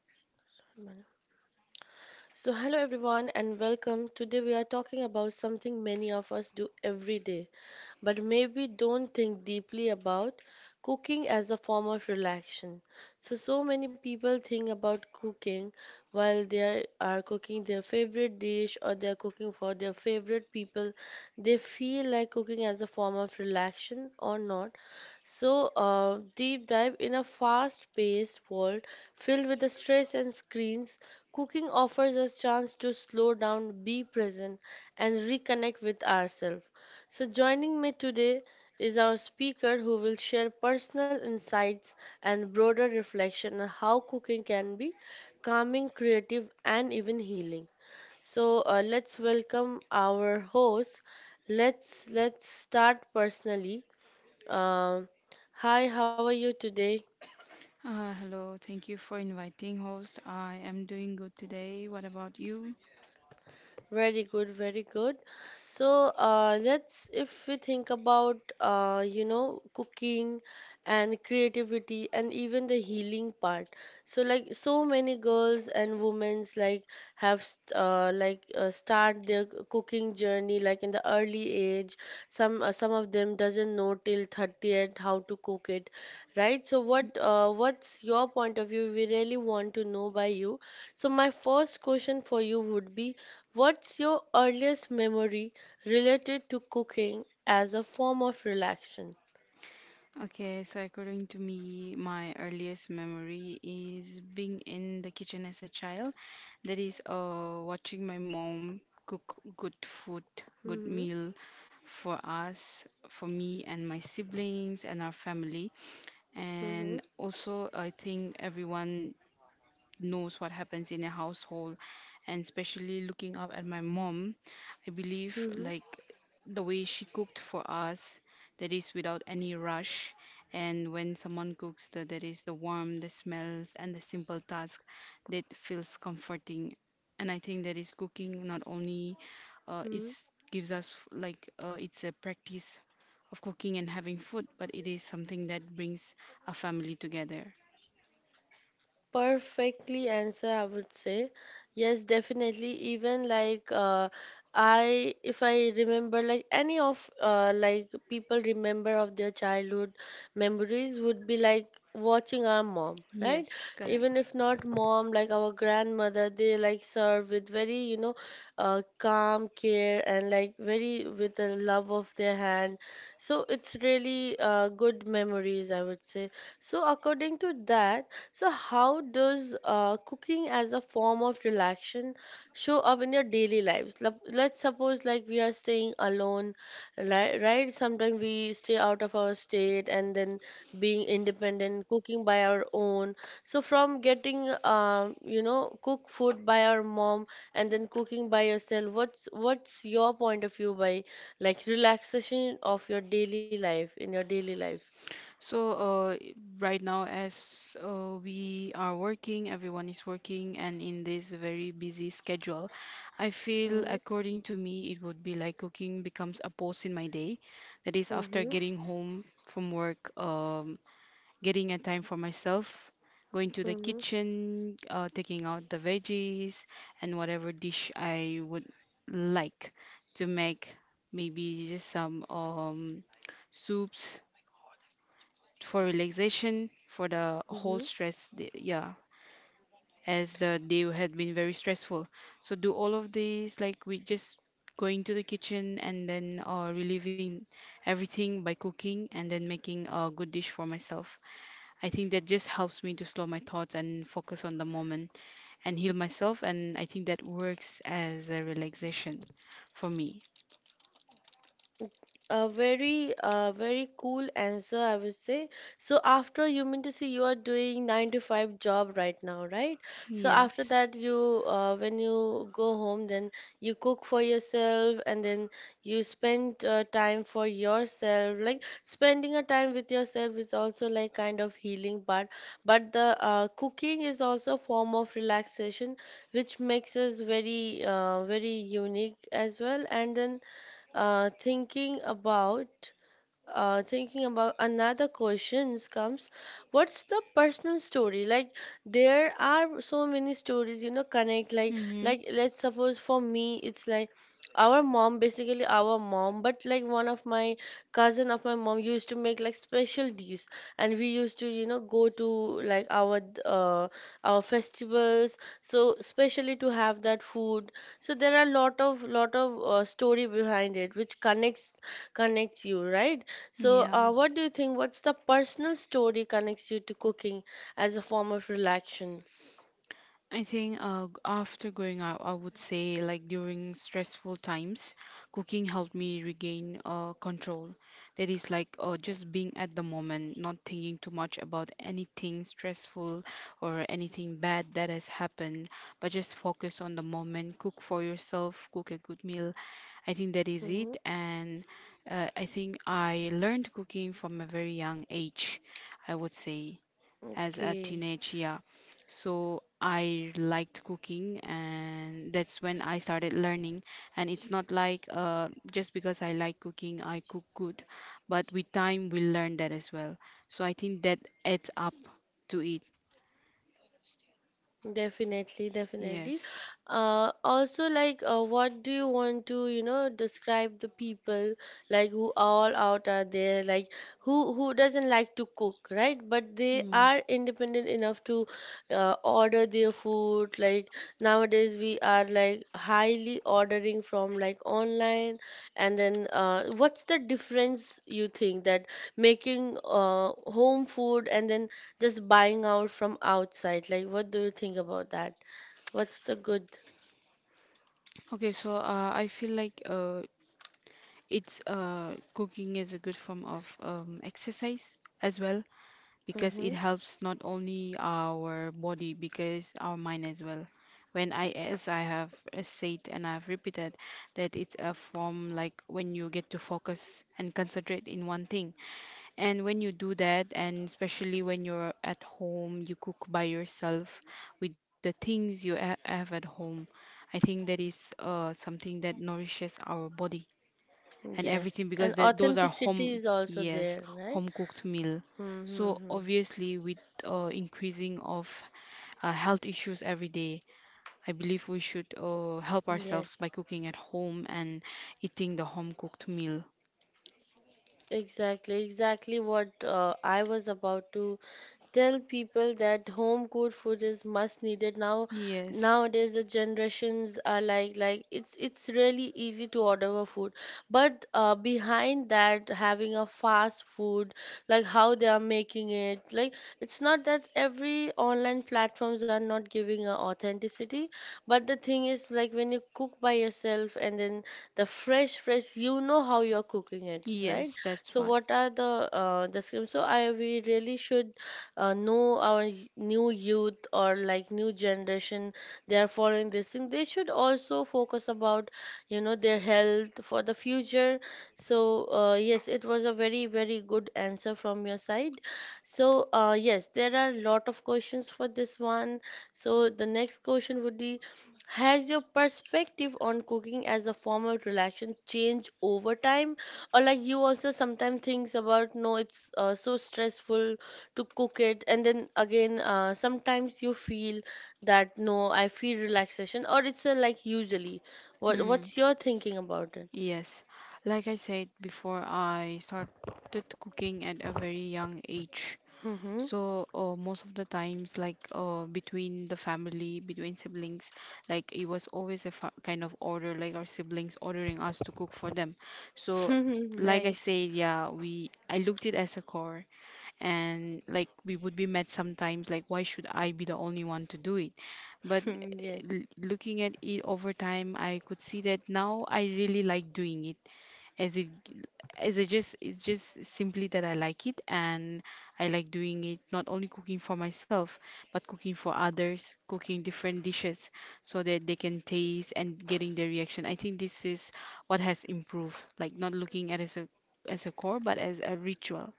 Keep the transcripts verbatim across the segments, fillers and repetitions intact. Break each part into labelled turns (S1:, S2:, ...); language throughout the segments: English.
S1: Manoj. So, hello everyone, and welcome. Today, we are talking about something many of us do every day, but maybe don't think deeply about cooking as a form of relaxation. So, so many people think about cooking while they are cooking their favorite dish or they are cooking for their favorite people. They feel like cooking as a form of relaxation or not. So, uh, deep dive in a fast-paced world filled with the stress and screens, cooking offers us chance to slow down, be present, and reconnect with ourselves. So, joining me today is our speaker who will share personal insights and broader reflection on how cooking can be calming, creative, and even healing. So, uh, let's welcome our host. Let's let's start personally. Um, hi, how are you today?
S2: Uh, hello, thank you for inviting, host. I am doing good today. What about you?
S1: Very good, very good. So, uh, let's, if we think about, uh, you know, cooking and creativity and even the healing part. So, like, so many girls and women's like have, st- uh, like, uh, start their c- cooking journey like in the early age. Some, uh, some of them doesn't know till thirtieth how to cook it, right? So, what, uh, what's your point of view? We really want to know by you. So, my first question for you would be: what's your earliest memory related to cooking as a form of relaxation?
S2: Okay, so according to me, my earliest memory is being in the kitchen as a child. That is, uh, watching my mom cook good food, good
S1: Mm-hmm.
S2: meal for us, for me and my siblings and our family.
S1: Mm-hmm.
S2: And also, I think everyone knows what happens in a household, and especially looking up at my mom, I believe, like, the way she cooked for us, that is, without any rush. And when someone cooks, the, that is the warmth, the smells, and the simple task that feels comforting. And I think that is cooking. Not only uh, it
S1: Hmm.
S2: gives us, like, uh, it's a practice of cooking and having food, but it is something that brings a family together.
S1: Perfectly answer, I would say. Yes, definitely. Even like uh, I, if I remember, like any of uh, like people remember of their childhood memories would be like watching our mom, right?
S2: Yes,
S1: Even
S2: correct.
S1: if not mom, like our grandmother, they like serve with very, you know, uh, calm care and like very with the love of their hand. So it's really uh, good memories, I would say. So according to that. So, how does uh, cooking as a form of relaxation show up in your daily lives? Lep- Let's suppose like we are staying alone, right? Right? Sometimes we stay out of our state and then being independent, cooking by our own. So, from getting um, you know, cook food by our mom and then cooking by yourself, what's what's your point of view by like relaxation of your daily life in your daily life?
S2: So, uh, right now, as uh, we are working, everyone is working, and in this very busy schedule, I feel,
S1: Mm-hmm.
S2: according to me, it would be like cooking becomes a pause in my day. That is, after
S1: Mm-hmm.
S2: getting home from work, um, getting a time for myself, going to the kitchen, uh, taking out the veggies and whatever dish I would like to make, maybe just some um, soups for relaxation, for the whole
S1: Mm-hmm.
S2: stress the- yeah. As the day had been very stressful, so do all of these, like, we just going to the kitchen and then uh, relieving everything by cooking and then making a good dish for myself. I think that just helps me to slow my thoughts and focus on the moment, and heal myself, and I think that works as a relaxation for me.
S1: A very, uh, very cool answer, I would say. So after you mean to say you are doing nine to five job right now, right? So after
S2: Yes.
S1: that, you uh, when you go home, then you cook for yourself, and then you spend uh, time for yourself. Like spending a time with yourself is also like kind of healing part, but the uh, cooking is also a form of relaxation, which makes us very, uh, very unique as well. And then uh, thinking about uh, thinking about another questions comes: what's the personal story, like there are so many stories you know connect, like
S2: Mm-hmm.
S1: like let's suppose for me it's like our mom basically our mom, but like one of my cousin of my mom used to make like special dish, and we used to you know go to like our uh, our festivals, so especially to have that food. So there are lot of lot of uh, story behind it, which connects connects you, right? So,
S2: Yeah.
S1: uh, what do you think? What's the personal story connects you to cooking as a form of relaxation?
S2: I think, uh, after growing up, I would say, like, during stressful times, cooking helped me regain uh, control. That is, like, uh, just being at the moment, not thinking too much about anything stressful or anything bad that has happened, but just focus on the moment, cook for yourself, cook a good meal. I think that is it.
S1: Mhm.
S2: And uh, I think I learned cooking from a very young age, I would say, as a
S1: Okay.
S2: teenage, yeah. So I liked cooking, and that's when I started learning. And it's not like uh, just because I like cooking, I cook good, but with time, we learn that as well. So I think that adds up to it.
S1: Definitely, definitely.
S2: Yes.
S1: Uh, also, like, uh, what do you want to, you know, describe the people, like who all out are there, like who who doesn't like to cook, right? But they
S2: Hmm.
S1: are independent enough to uh, order their food. Like nowadays, we are like highly ordering from like online, and then uh, what's the difference you think that making uh, home food and then just buying out from outside. Like, what do you think about that? What's the good?
S2: Okay, so uh, I feel like, uh, it's uh, cooking is a good form of um, exercise as well, because it
S1: Mm-hmm.
S2: helps not only our body, because our mind as well. When I, as I have uh, said, and I've repeated that it's a form, like, when you get to focus and concentrate in one thing, and when you do that, and especially when you're at home, you cook by yourself with the things you ha- have at home. I think that is uh, something that nourishes our body and
S1: Yes.
S2: everything, because
S1: And
S2: that, those are
S1: authenticity
S2: home,
S1: is also
S2: yes,
S1: there, right?
S2: home cooked meal.
S1: Mm-hmm.
S2: So
S1: Mm-hmm.
S2: obviously, with uh, increasing of uh, health issues every day, I believe we should uh, help ourselves
S1: Yes.
S2: by cooking at home and eating the home cooked meal.
S1: Exactly, exactly what uh, I was about to tell people that home cooked food is much needed now.
S2: Yes,
S1: Nowadays, the generations are like like, it's it's really easy to order a food, but uh, behind that, having a fast food, like how they are making it, like it's not that every online platforms are not giving a authenticity, but the thing is like when you cook by yourself and then the fresh fresh, you know how you're cooking it, right?
S2: yes, that's
S1: So
S2: what.
S1: what are the uh, the schemes? So I we really should uh, know our y- new youth or like new generation, they are following this thing, they should also focus about you know their health for the future. So uh, yes, it was a very very good answer from your side. So uh, yes, there are a lot of questions for this one. So the next question would be: has your perspective on cooking as a form of relaxation changed over time? Or like you also sometimes thinks about no, it's uh, so stressful to cook it, and then again uh, sometimes you feel that no, I feel relaxation, or it's a, like usually, what
S2: Hmm.
S1: what's your thinking about it?
S2: Yes, like I said before, I started cooking at a very young age.
S1: Mm-hmm.
S2: So, uh, most of the times, like, uh, between the family, between siblings, like, it was always a fa kind of order, like, our siblings ordering us to cook for them. So, like I
S1: Nice.
S2: said, yeah, we I looked it as a chore, and, like, we would be mad sometimes, like, why should I be the only one to do it? But, uh,
S1: Yeah.
S2: l- looking at it over time, I could see that now I really like doing it. Is it is it just it's just simply that I like it, and I like doing it, not only cooking for myself but cooking for others, cooking different dishes so that they can taste, and getting their reaction. I think this is what has improved, like, not looking at it as a as a core but as a ritual.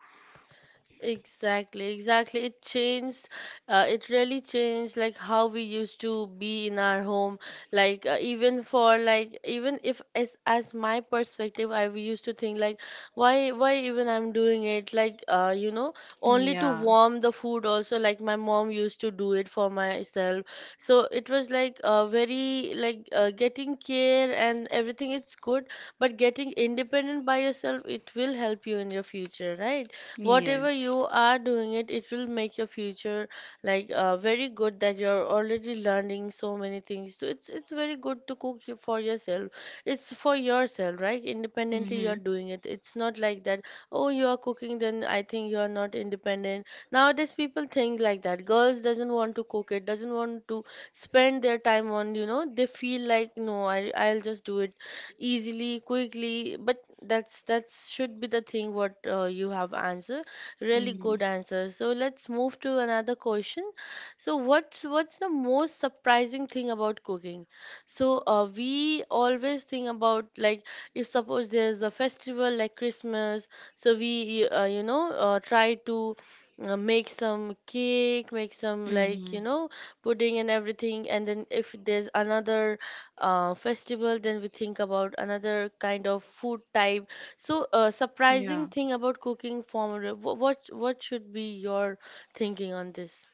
S1: Exactly, exactly. It changed, uh, it really changed like how we used to be in our home. Like uh, even for like even if as as my perspective, I used to think like why why even I'm doing it, like uh you know only to
S2: Yeah.
S1: warm the food, also like my mom used to do it for myself. So it was like uh very, like uh, getting care and everything, it's good, but getting independent by yourself, it will help you in your future, right? Whatever you
S2: Yes.
S1: are doing it it will make your future like uh, very good, that you're already learning so many things. So it's it's very good to cook y- for yourself. It's for yourself, right? Independently
S2: Mm-hmm.
S1: you're doing it, it's not like that oh, you are cooking then I think you are not independent. Nowadays people think like that girls doesn't want to cook, it doesn't want to spend their time on, you know they feel like no, I, i'll just do it easily, quickly. But that's that should be the thing what uh, you have answered. Really
S2: Mm-hmm.
S1: good answer. So let's move to another question. So what's what's the most surprising thing about cooking? So uh, we always think about like, if suppose there's a festival like Christmas, so we uh, you know uh, try to uh, make some cake, make some, like
S2: Mm-hmm.
S1: you know pudding and everything, and then if there's another uh, festival, then we think about another kind of food type. So uh, surprising
S2: Yeah.
S1: thing about cooking formula, wh- what what should be your thinking on this?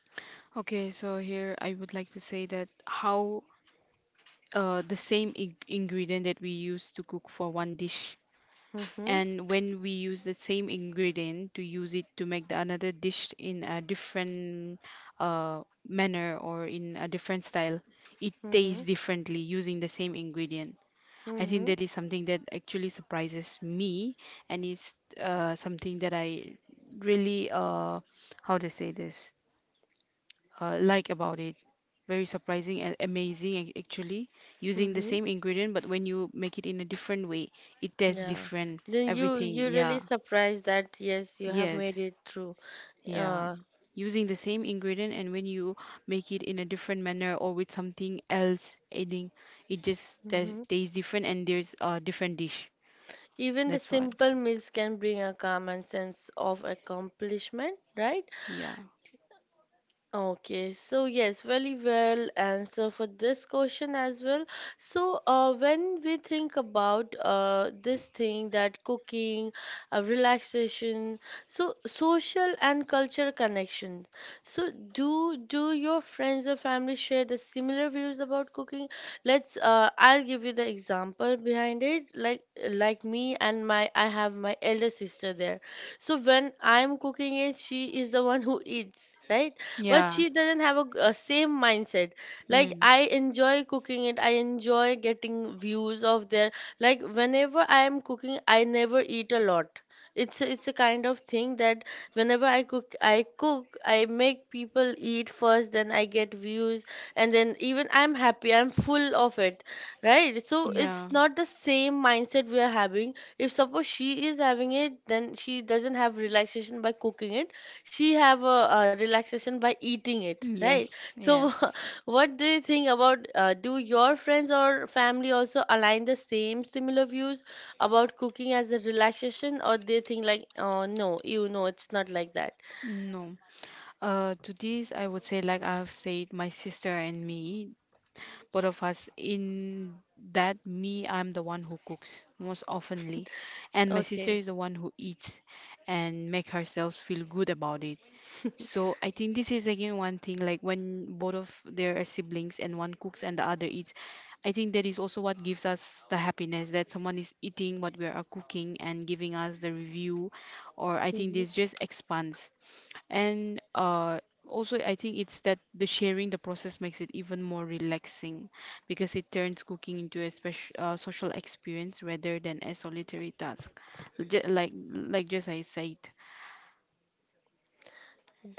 S2: Okay, so here I would like to say that how uh, the same ing- ingredient that we use to cook for one dish,
S1: Mm-hmm.
S2: and when we use the same ingredient to use it to make the another dish in a different uh, manner or in a different style, it
S1: Mm-hmm.
S2: tastes differently using the same ingredient. I think
S1: Mm-hmm.
S2: that is something that actually surprises me, and it's uh, something that I really, uh, how to say this, uh, like, about it. Very surprising and amazing, ac- actually, using the
S1: Mm-hmm.
S2: same ingredient, but when you make it in a different way, it tastes
S1: Yeah,
S2: different.
S1: then you
S2: Everything,
S1: you really
S2: yeah,
S1: surprised that yes, you have made
S2: yes,
S1: it through.
S2: yeah.
S1: uh,
S2: Using the same ingredient, and when you make it in a different manner or with something else adding, it just tas-
S1: hmm
S2: tastes different, and there's a different dish.
S1: even the
S2: That's what,
S1: simple meals can bring a calm and sense of accomplishment, right?
S2: yeah,
S1: Okay, so yes, very well answer for this question as well. So, uh, when we think about uh, this thing that cooking, uh, relaxation, so social and cultural connections. So, do do your friends or family share the similar views about cooking? Let's. Uh, I'll give you the example behind it. Like like me and my, I have my elder sister there. So when I'm cooking it, she is the one who eats, right? But
S2: yeah,
S1: she doesn't have a, g- a same mindset, like
S2: mm,
S1: I enjoy cooking it, I enjoy getting views of their, like whenever I am cooking, I never eat a lot. It's a, it's a kind of thing that whenever i cook i cook, I make people eat first, then I get views, and then even I'm happy, I'm full of it, right? So it's
S2: yeah.
S1: not the same mindset we are having. If suppose she is having it, then she doesn't have relaxation by cooking it, she have a, uh relaxation by eating it, right?
S2: Yes,
S1: So
S2: yes.
S1: what do you think about, uh, do your friends or family also align the same similar views about cooking as a relaxation, or they think like oh no, you know, it's not like that?
S2: No. Uh, to this, I would say, like I've said, my sister and me, both of us, in that, me, I'm the one who cooks most oftenly, and my sister
S1: Okay.
S2: is the one who eats and make herself feel good about it. So I think this is again one thing, like, when both of their siblings, and one cooks and the other eats, I think that is also what gives us the happiness that someone is eating what we are cooking and giving us the review, or I think
S1: Mm-hmm.
S2: this just expands, and uh, also, I think it's that the sharing the process makes it even more relaxing, because it turns cooking into a special uh, social experience rather than a solitary task. Ju- like like just I said.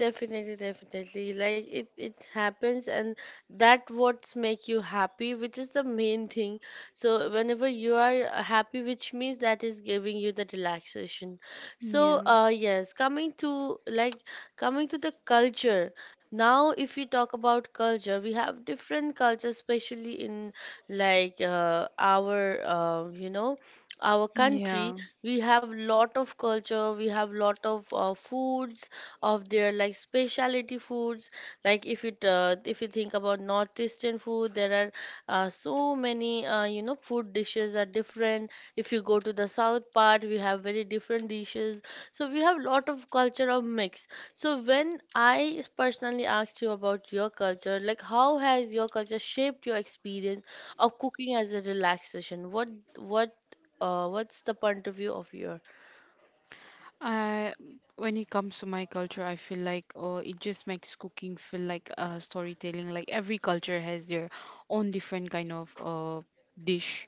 S1: Definitely, definitely. Like it, it happens, and that what's make you happy, which is the main thing. So whenever you are happy, which means that is giving you the relaxation. So,
S2: Yeah,
S1: uh, yes, coming to like coming to the culture. Now, if we talk about culture, we have different cultures, especially in like uh, our uh, you know our
S2: yeah.
S1: country. We have lot of culture. We have lot of uh, foods of their like specialty foods. Like if you uh, if you think about northeastern food, there are uh, so many uh, you know food dishes are different. If you go to the south part, we have very different dishes. So we have lot of culture of mix. So when I personally asked you about your culture, like how has your culture shaped your experience of cooking as a relaxation, what what uh, what's the point of view of your?
S2: I When it comes to my culture, I feel like, oh, it just makes cooking feel like uh, storytelling. Like, every culture has their own different kind of uh, dish.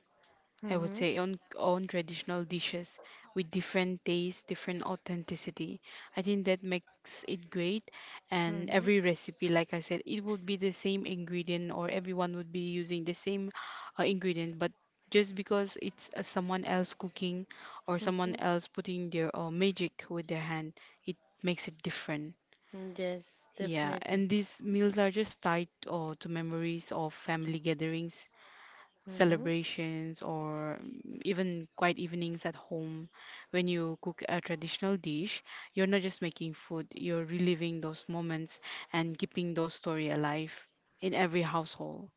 S2: I would
S1: Mm-hmm.
S2: say, on on traditional dishes with different taste, different authenticity. I think that makes it great. And
S1: Mm-hmm.
S2: every recipe, like I said, it would be the same ingredient, or everyone would be using the same uh, ingredient, but just because it's uh, someone else cooking or someone else putting their uh, magic with their hand, it makes it different.
S1: Mm. Yes,
S2: Yeah,
S1: definitely.
S2: and these meals are just tied uh, to memories of family gatherings,
S1: Hmm.
S2: celebrations, or mm, even quiet evenings at home. When you cook a traditional dish, you're not just making food, you're reliving those moments and keeping those story alive in every household.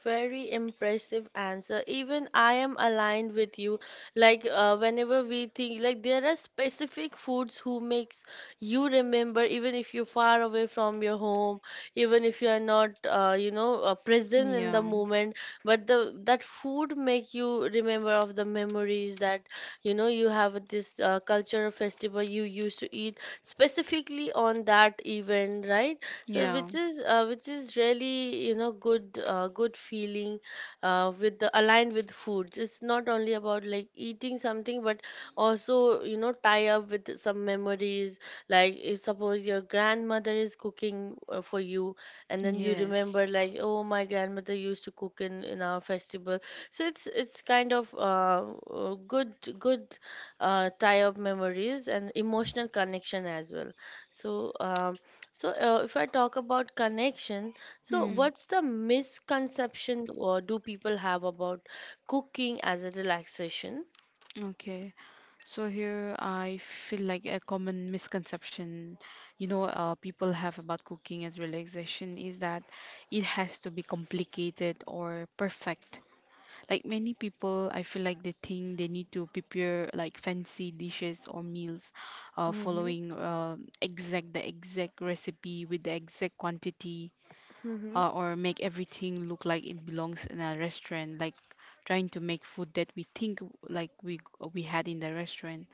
S1: Very impressive answer. Even I am aligned with you. Like uh, whenever we think, like there are specific foods who makes you remember, even if you're far away from your home, even if you are not, uh, you know, uh, present in
S2: Yeah.
S1: the moment. But the that food make you remember of the memories that you know you have with this uh, cultural festival you used to eat specifically on that event, right? So
S2: Yeah.
S1: which is uh, which is really you know good uh, good feeling uh, with the aligned with foods. It's not only about like eating something, but also you know tie up with some memories. Like if suppose your grandmother is cooking uh, for you and then you remember
S2: Yes.
S1: like, oh, my grandmother used to cook in in our festival. So it's it's kind of uh, uh, good good uh, tie up memories and emotional connection as well. So um, so, uh, if I talk about connection, so
S2: Hmm.
S1: what's the misconception or do people have about cooking as a relaxation?
S2: Okay. So here I feel like a common misconception, you know, uh, people have about cooking as relaxation is that it has to be complicated or perfect. Like, many people, I feel like they think they need to prepare like fancy dishes or meals, uh,
S1: Mm-hmm.
S2: following uh, exact the exact recipe with the exact quantity, uh, or make everything look like it belongs in a restaurant, like trying to make food that we think, like, we we had in the restaurant,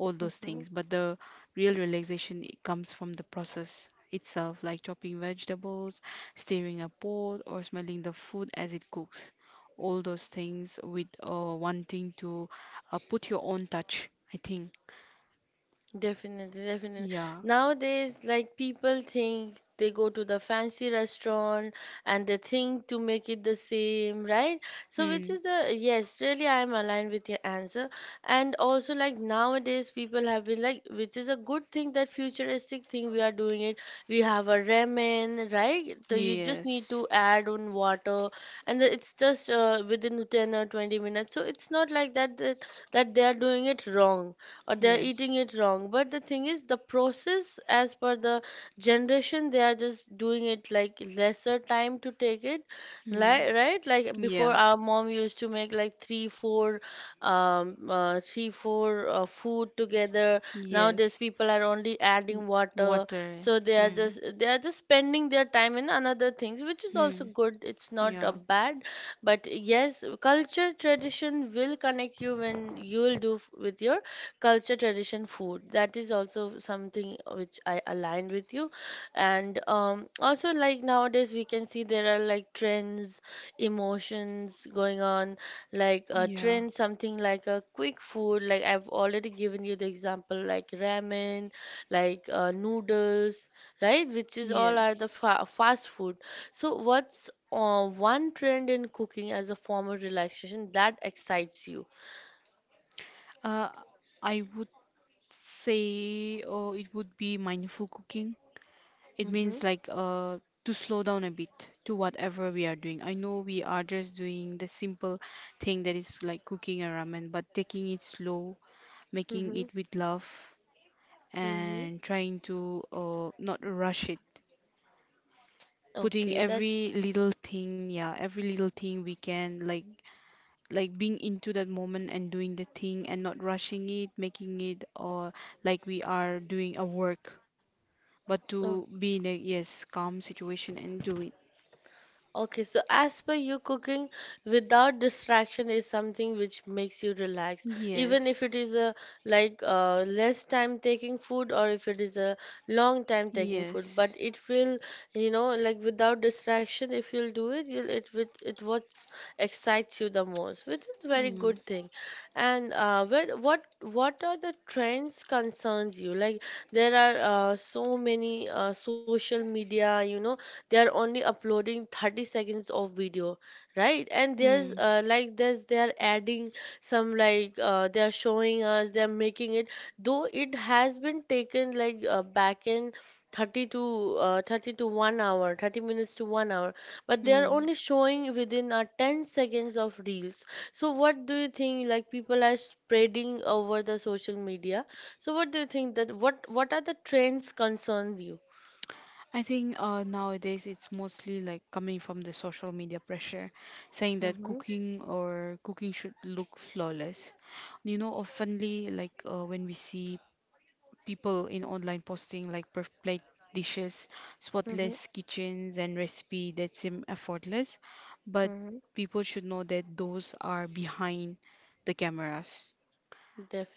S2: all those
S1: Mm-hmm.
S2: things. But the real relaxation, it comes from the process itself, like chopping vegetables, stirring a pot, or smelling the food as it cooks. All those things, with uh, wanting to uh, put your own touch, I think.
S1: Definitely, definitely.
S2: Yeah.
S1: Nowadays, like people think they go to the fancy restaurant and they think to make it the same, right? So, which
S2: Mm.
S1: is the, yes, really, I am aligned with your answer. And also, like nowadays, people have been like, which is a good thing, that futuristic thing we are doing it. We have a ramen, right? So you just need
S2: Yes.
S1: to add on water, and it's just uh, within ten or twenty minutes. So it's not like that that, that they are doing it wrong or they're eating
S2: Yes.
S1: it wrong, but the thing is the process as per the generation they are just doing it like lesser time to take it,
S2: Mm.
S1: like, right, like before
S2: Yeah.
S1: our mom used to make like three four um uh, three four uh, food together. Nowadays
S2: Yes.
S1: people are only
S2: W-
S1: adding water.
S2: Water.
S1: So they are
S2: Hmm.
S1: just they are just spending their time in another things, which is also
S2: Hmm.
S1: good, it's not a
S2: Yeah.
S1: bad. But yes, culture tradition will connect you when you will do f- with your culture tradition food. That is also something which I aligned with you. And um, also, like nowadays we can see there are like trends, emotions going on, like a
S2: Yeah.
S1: trend, something like a quick food. Like I've already given you the example, like ramen, like uh, noodles, right, which is all are the
S2: Yes.
S1: fa- fast food. So what's uh, one trend in cooking as a form of relaxation that excites you?
S2: Uh, I would say, oh, it would be mindful cooking. It
S1: Mm-hmm.
S2: means, like, uh to slow down a bit to whatever we are doing. I know we are just doing the simple thing, that is, like, cooking a ramen, but taking it slow, making it with love,
S1: Mm-hmm.
S2: and trying to uh not rush it. Putting
S1: Okay, that.
S2: every little thing, yeah, every little thing we can, like like being into that moment and doing the thing and not rushing it, making it, or like we are doing a work, but to
S1: Oh,
S2: be in a, yes, calm situation and do it.
S1: okay. So as per you, cooking without distraction is something which makes you relax, even if
S2: Yes.
S1: it is a, like uh, less time taking food, or if it is a long time taking food.
S2: Yes.
S1: But it will, you know, like without distraction, if you'll do it, you'll it with it what excites you the most, which is very
S2: Mm.
S1: good thing. And uh, where what what are the trends concerns you? Like there are uh, so many uh, social media, you know they are only uploading thirty seconds of video, right. And there's
S2: Mm.
S1: uh, like there's they're adding some, like uh, they're showing us, they're making it though it has been taken like uh, back in thirty to uh, thirty to one hour, thirty minutes to one hour, but they're
S2: Mm.
S1: only showing within uh, ten seconds of reels. So what do you think, like people are spreading over the social media, so what do you think that what what are the trends concern you?
S2: I think, uh, nowadays it's mostly like coming from the social media pressure, saying that
S1: Mm-hmm.
S2: cooking, or cooking should look flawless. You know, oftenly like, uh, when we see people in online posting like perfect plate dishes, spotless kitchens, and recipe that seem effortless. But
S1: Mm-hmm.
S2: people should know that those are behind the cameras.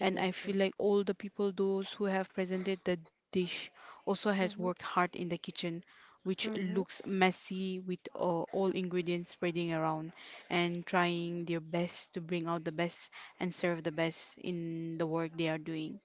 S2: And I feel like all the people, those who have presented the dish, also has worked hard in the kitchen, which
S1: Mm-hmm.
S2: looks messy with uh, all ingredients spreading around, and trying their best to bring out the best and serve the best in the work they are doing.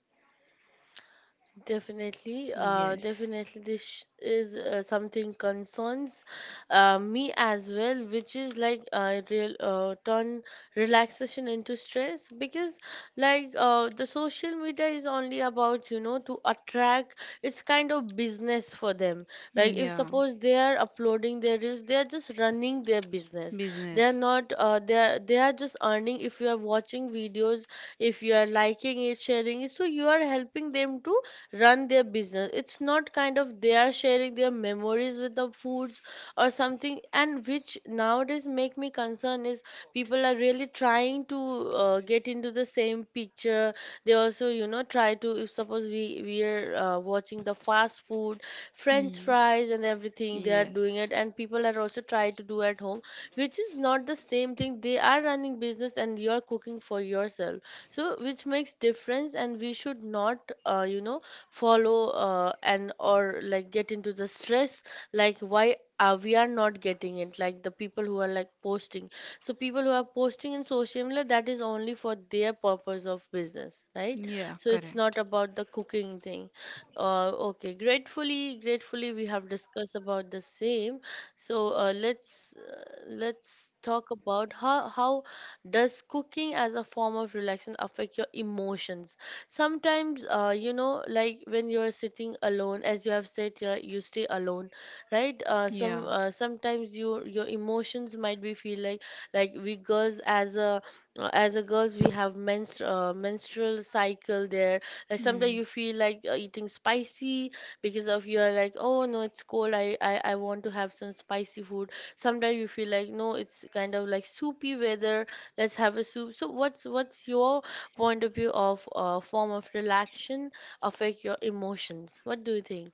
S1: Definitely, uh,
S2: Yes.
S1: definitely, this is uh, something concerns uh, me as well, which is like uh, real uh, turn relaxation into stress, because like uh, the social media is only about, you know to attract. It's kind of business for them. Like if
S2: Yeah.
S1: suppose they are uploading their reels, they are just running their business. They are
S2: Business.
S1: not. Uh, they are they are just earning. If you are watching videos, if you are liking it, sharing it, so you are helping them to run their business. It's not kind of they are sharing their memories with the foods or something. And which nowadays make me concern is people are really trying to uh, get into the same picture. They also you know try to, if suppose we we are uh, watching the fast food, french
S2: Mm.
S1: fries and everything, they are doing
S2: Yes.
S1: it and people are also trying to do at home, which is not the same thing. They are running business and you are cooking for yourself, so which makes difference. And we should not, uh, you know follow, uh, and or like get into the stress, like why are we are not getting it like the people who are like posting. So people who are posting in social media, that is only for their purpose of business, right?
S2: Yeah,
S1: So it's not
S2: correct.
S1: about the cooking thing. Uh, okay, gratefully gratefully we have discussed about the same. So uh, let's uh, let's talk about how how does cooking as a form of relaxation affect your emotions. Sometimes, uh, you know like when you are sitting alone, as you have said, uh, you stay alone, right. Uh, some
S2: Yeah.
S1: uh, sometimes you your emotions might be feel like like we girls, as a uh, as a girls we have menstru- uh, menstrual cycle there. Like sometimes
S2: Mm.
S1: you feel like uh, eating spicy, because of you're like, oh no, it's cold, I, I i want to have some spicy food. Sometimes you feel like, no, it's kind of like soupy weather, let's have a soup. So what's what's your point of view of a form of relaxation affect your emotions? What do you think?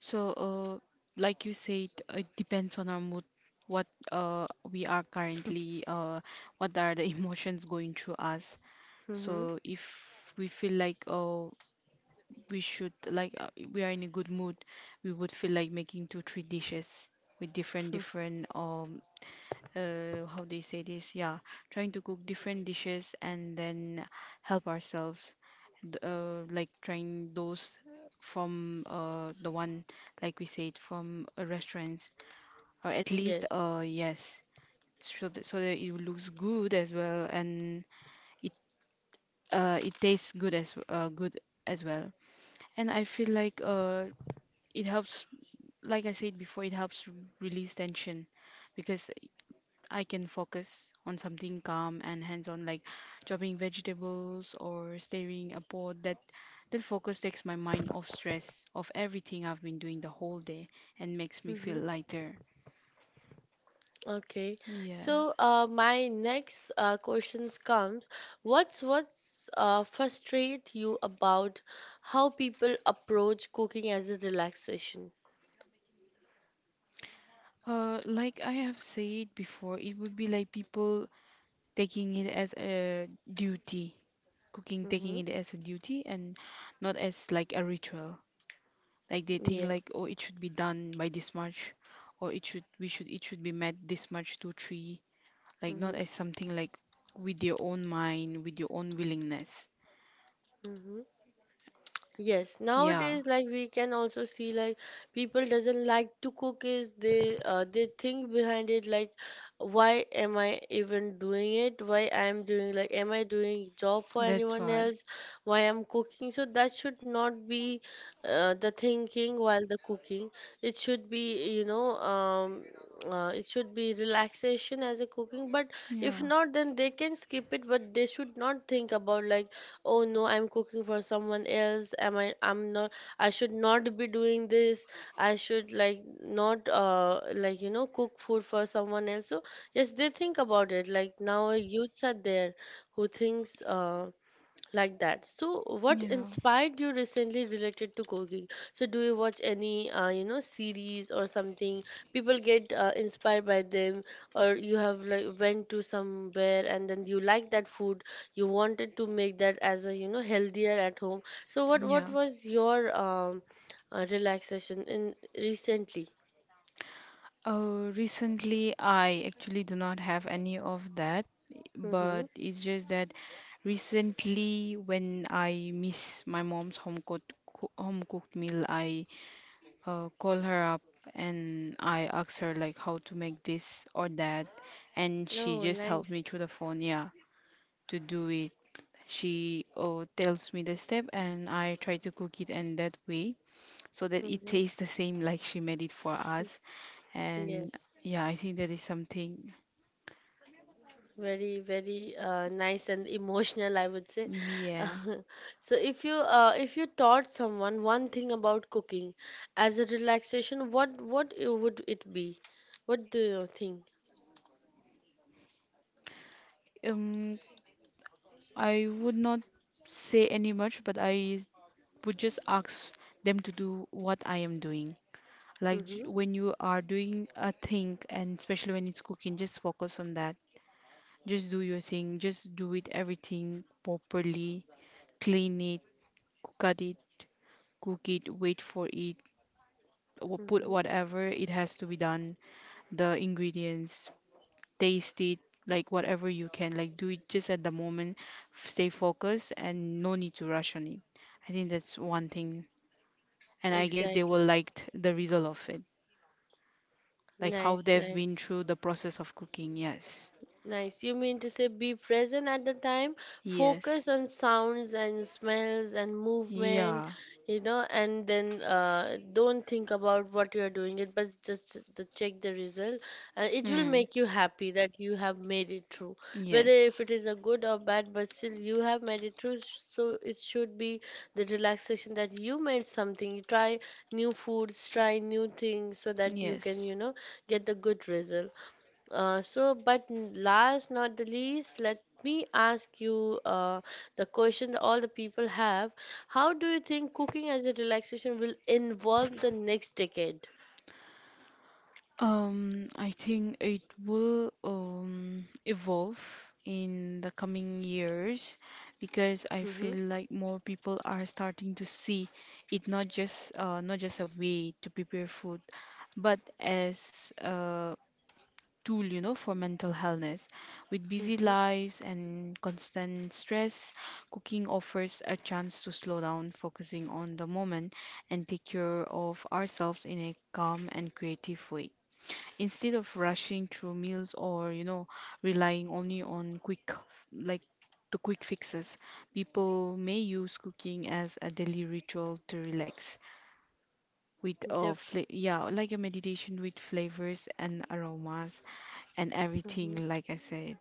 S2: So, uh, like you said, it depends on our mood, what uh we are currently, uh what are the emotions going through us.
S1: Mm-hmm.
S2: So if we feel like oh we should like uh, we are in a good mood, we would feel like making two, three dishes with different different um uh, how do you say this? Yeah, trying to cook different dishes and then help ourselves, th- uh, like trying those from uh, the one, like we said, from uh, restaurants, or at least,
S1: Yes.
S2: uh, yes, so that, so that it looks good as well, and it uh, it tastes good as uh, good as well. And I feel like uh, it helps, like I said before, it helps r- release tension, because I can focus on something calm and hands-on, like chopping vegetables or stirring a pot. That that focus takes my mind off stress, of everything I've been doing the whole day, and makes me feel
S1: Mm-hmm.
S2: lighter.
S1: Okay.
S2: Yeah.
S1: So, uh, my next uh, questions comes. What's what's uh, frustrate you about how people approach cooking as a relaxation?
S2: Uh, like I have said before, it would be like people taking it as a duty, cooking taking
S1: Mm-hmm.
S2: it as a duty, and not as like a ritual. Like they think
S1: Yeah.
S2: like, oh, it should be done by this much, or it should we should it should be met this much two three, like not
S1: Mm-hmm.
S2: as something like with your own mind, with your own willingness.
S1: Mm-hmm. Yes,
S2: Yeah,
S1: nowadays, like we can also see like people doesn't like to cook is they uh, they think behind it, like, why am I even doing it? Why I'm doing, like, am I doing job for
S2: that's
S1: anyone
S2: what.
S1: else? Why I'm cooking? So that should not be uh, the thinking while the cooking. It should be you know um uh, it should be relaxation as a cooking. But if
S2: Yeah,
S1: not, then they can skip it. But they should not think about like, oh no, I'm cooking for someone else, am I, I'm not, I should not be doing this, I should like not uh like you know cook food for someone else. So yes, they think about it like, now youths are there who thinks uh like that. So what
S2: yeah,
S1: inspired you recently related to cooking? So do you watch any, uh, you know, series or something? People get uh, inspired by them, or you have like went to somewhere and then you like that food, you wanted to make that as a, you know, healthier at home. So what what
S2: yeah.
S1: was your um, uh, relaxation in recently?
S2: Uh, recently, I actually do not have any of that, but
S1: Mm-hmm.
S2: it's just that recently, when I miss my mom's home cooked home cooked meal, I uh, call her up and I ask her like how to make this or that, and she
S1: Oh,
S2: just helped me
S1: nice.
S2: through the phone, yeah, to do it. She uh, tells me the step, and I try to cook it in that way so that it
S1: Mm-hmm.
S2: tastes the same like she made it for us.
S1: Yes.
S2: And yeah, I think that is something.
S1: Very, very uh, nice and emotional, I would say.
S2: Yeah.
S1: So if you uh, if you taught someone one thing about cooking as a relaxation, what what it would it be? What do you think?
S2: Um, I would not say any much, but I would just ask them to do what I am doing. Like j-
S1: Mm-hmm.
S2: when you are doing a thing, and especially when it's cooking, just focus on that. Just do your thing. Just do it everything properly. Clean it, cook at it. Cook it, wait for it, or put
S1: Mm-hmm.
S2: whatever it has to be done, the ingredients, taste it, like whatever you can, like do it just at the moment, f- stay focused, and no need to rush on it. I think that's one thing, and I guess they
S1: Exactly.
S2: will liked the result of it, like how
S1: Nice,
S2: they've
S1: nice.
S2: been through the process of cooking. Yes,
S1: Nice. You mean to say be present at the time,
S2: yes,
S1: focus on sounds and smells and movement,
S2: yeah.
S1: you know, and then uh, don't think about what you're doing it, but just the, check the result, and it will
S2: Hmm.
S1: make you happy that you have made it through. Whether if
S2: Yes,
S1: it is a good or bad, but still you have made it through, sh- so it should be the relaxation that you made something. You try new foods, try new things, so that you can,
S2: yes.
S1: you know, get the good result. Uh, so, but n- last not the least, let me ask you uh, the question that all the people have. How do you think cooking as a relaxation will involve the next decade?
S2: Um, I think it will um, evolve in the coming years, because
S1: Mm-hmm.
S2: I feel like more people are starting to see it not just uh, not just a way to prepare food, but as a tool, you know, for mental healthness. With busy
S1: Mm-hmm.
S2: lives and constant stress, cooking offers a chance to slow down, focusing on the moment and take care of ourselves in a calm and creative way, instead of rushing through meals, or you know, relying only on quick, like, the quick fixes. People may use cooking as a daily ritual to relax, with a
S1: def
S2: fla- yeah, like a meditation with flavors and aromas and
S1: Hmm.
S2: everything like I said.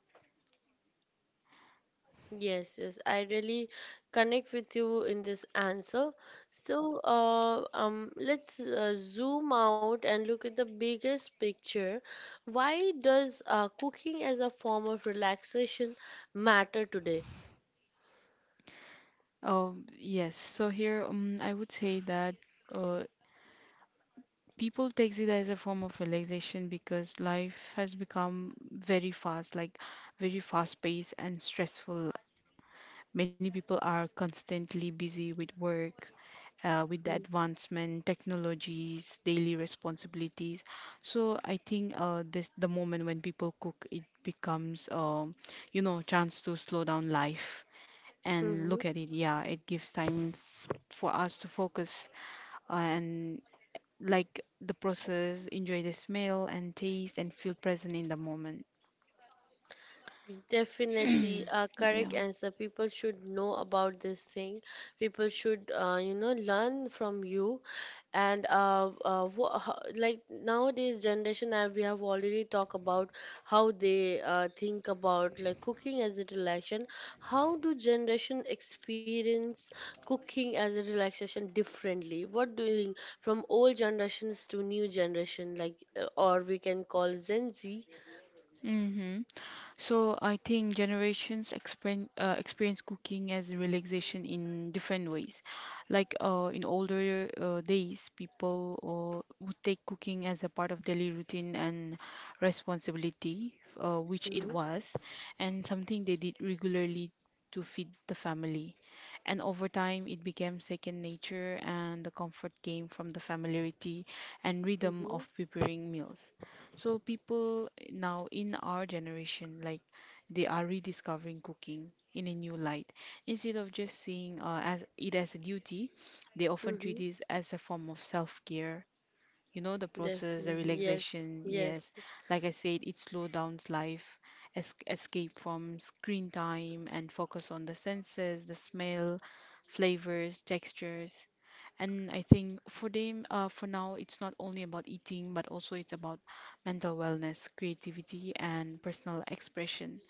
S1: Yes, yes, I really connect with you in this answer. So, uh, um, let's uh, zoom out and look at the biggest picture. Why does uh, cooking as a form of relaxation matter today?
S2: um yes, so here, um I would say that uh people takes it as a form of relaxation because life has become very fast, like very fast paced and stressful. Many people are constantly busy with work, uh, with the advancement, technologies, daily responsibilities. So I think uh, this, the moment when people cook, it becomes um, you know, chance to slow down life and
S1: Mhm.
S2: look at it. Yeah, it gives time f- for us to focus and like the process, enjoy the smell and taste, and feel present in the moment.
S1: Definitely a
S2: Yeah.
S1: correct answer. People should know about this thing. People should, uh, you know, learn from you. And uh, uh, wha- ho- like nowadays generation, uh, we have already talked about how they uh, think about, like, cooking as a relaxation. How do generation experience cooking as a relaxation differently? What do you think from old generations to new generation, like, uh, or we can call Gen Z?
S2: Mm-hmm. So I think generations experience uh, experience cooking as relaxation in different ways. Like uh, in older uh, days, people uh, would take cooking as a part of daily routine and responsibility, uh, which
S1: Mm-hmm.
S2: it was, and something they did regularly to feed the family. And over time, it became second nature, and the comfort came from the familiarity and rhythm
S1: Mm-hmm.
S2: of preparing meals. So people now in our generation, like, they are rediscovering cooking in a new light. Instead of just seeing uh, as it as a duty, they often treat it as a form of self-care, you know, the process, the
S1: Definitely. Yes.
S2: relaxation.
S1: Yes.
S2: Yes, like I said, it slows down life, es- escape from screen time, and focus on the senses, the smell, flavors, textures. And I think for them, uh, for now, it's not only about eating, but also it's about mental wellness, creativity, and personal expression.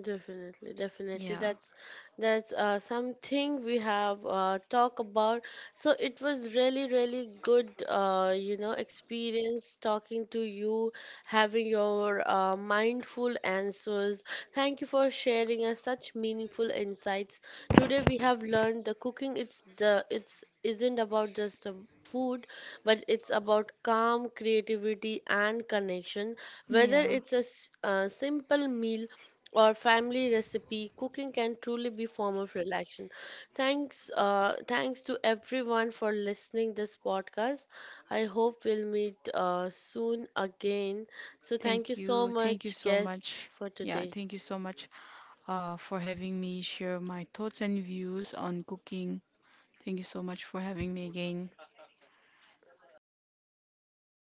S1: Definitely, definitely.
S2: Yeah.
S1: That's that's uh, something we have uh, talk about. So it was really, really good, uh, you know, experience talking to you, having your uh, mindful answers. Thank you for sharing us such meaningful insights. Today we have learned the cooking. It's the it's isn't about just the food, but it's about calm, creativity, and connection. Whether
S2: Yeah.
S1: it's a s- a simple meal or family recipe, cooking can truly be form of relaxation. Thanks, uh, thanks to everyone for listening this podcast. I hope we'll meet uh, soon again. So thank you
S2: Thank
S1: so
S2: you. Thank you
S1: much,
S2: so
S1: guest,
S2: much.
S1: for
S2: Yeah,
S1: today.
S2: thank you so much uh, for having me share my thoughts and views on cooking. Thank you so much for having me again.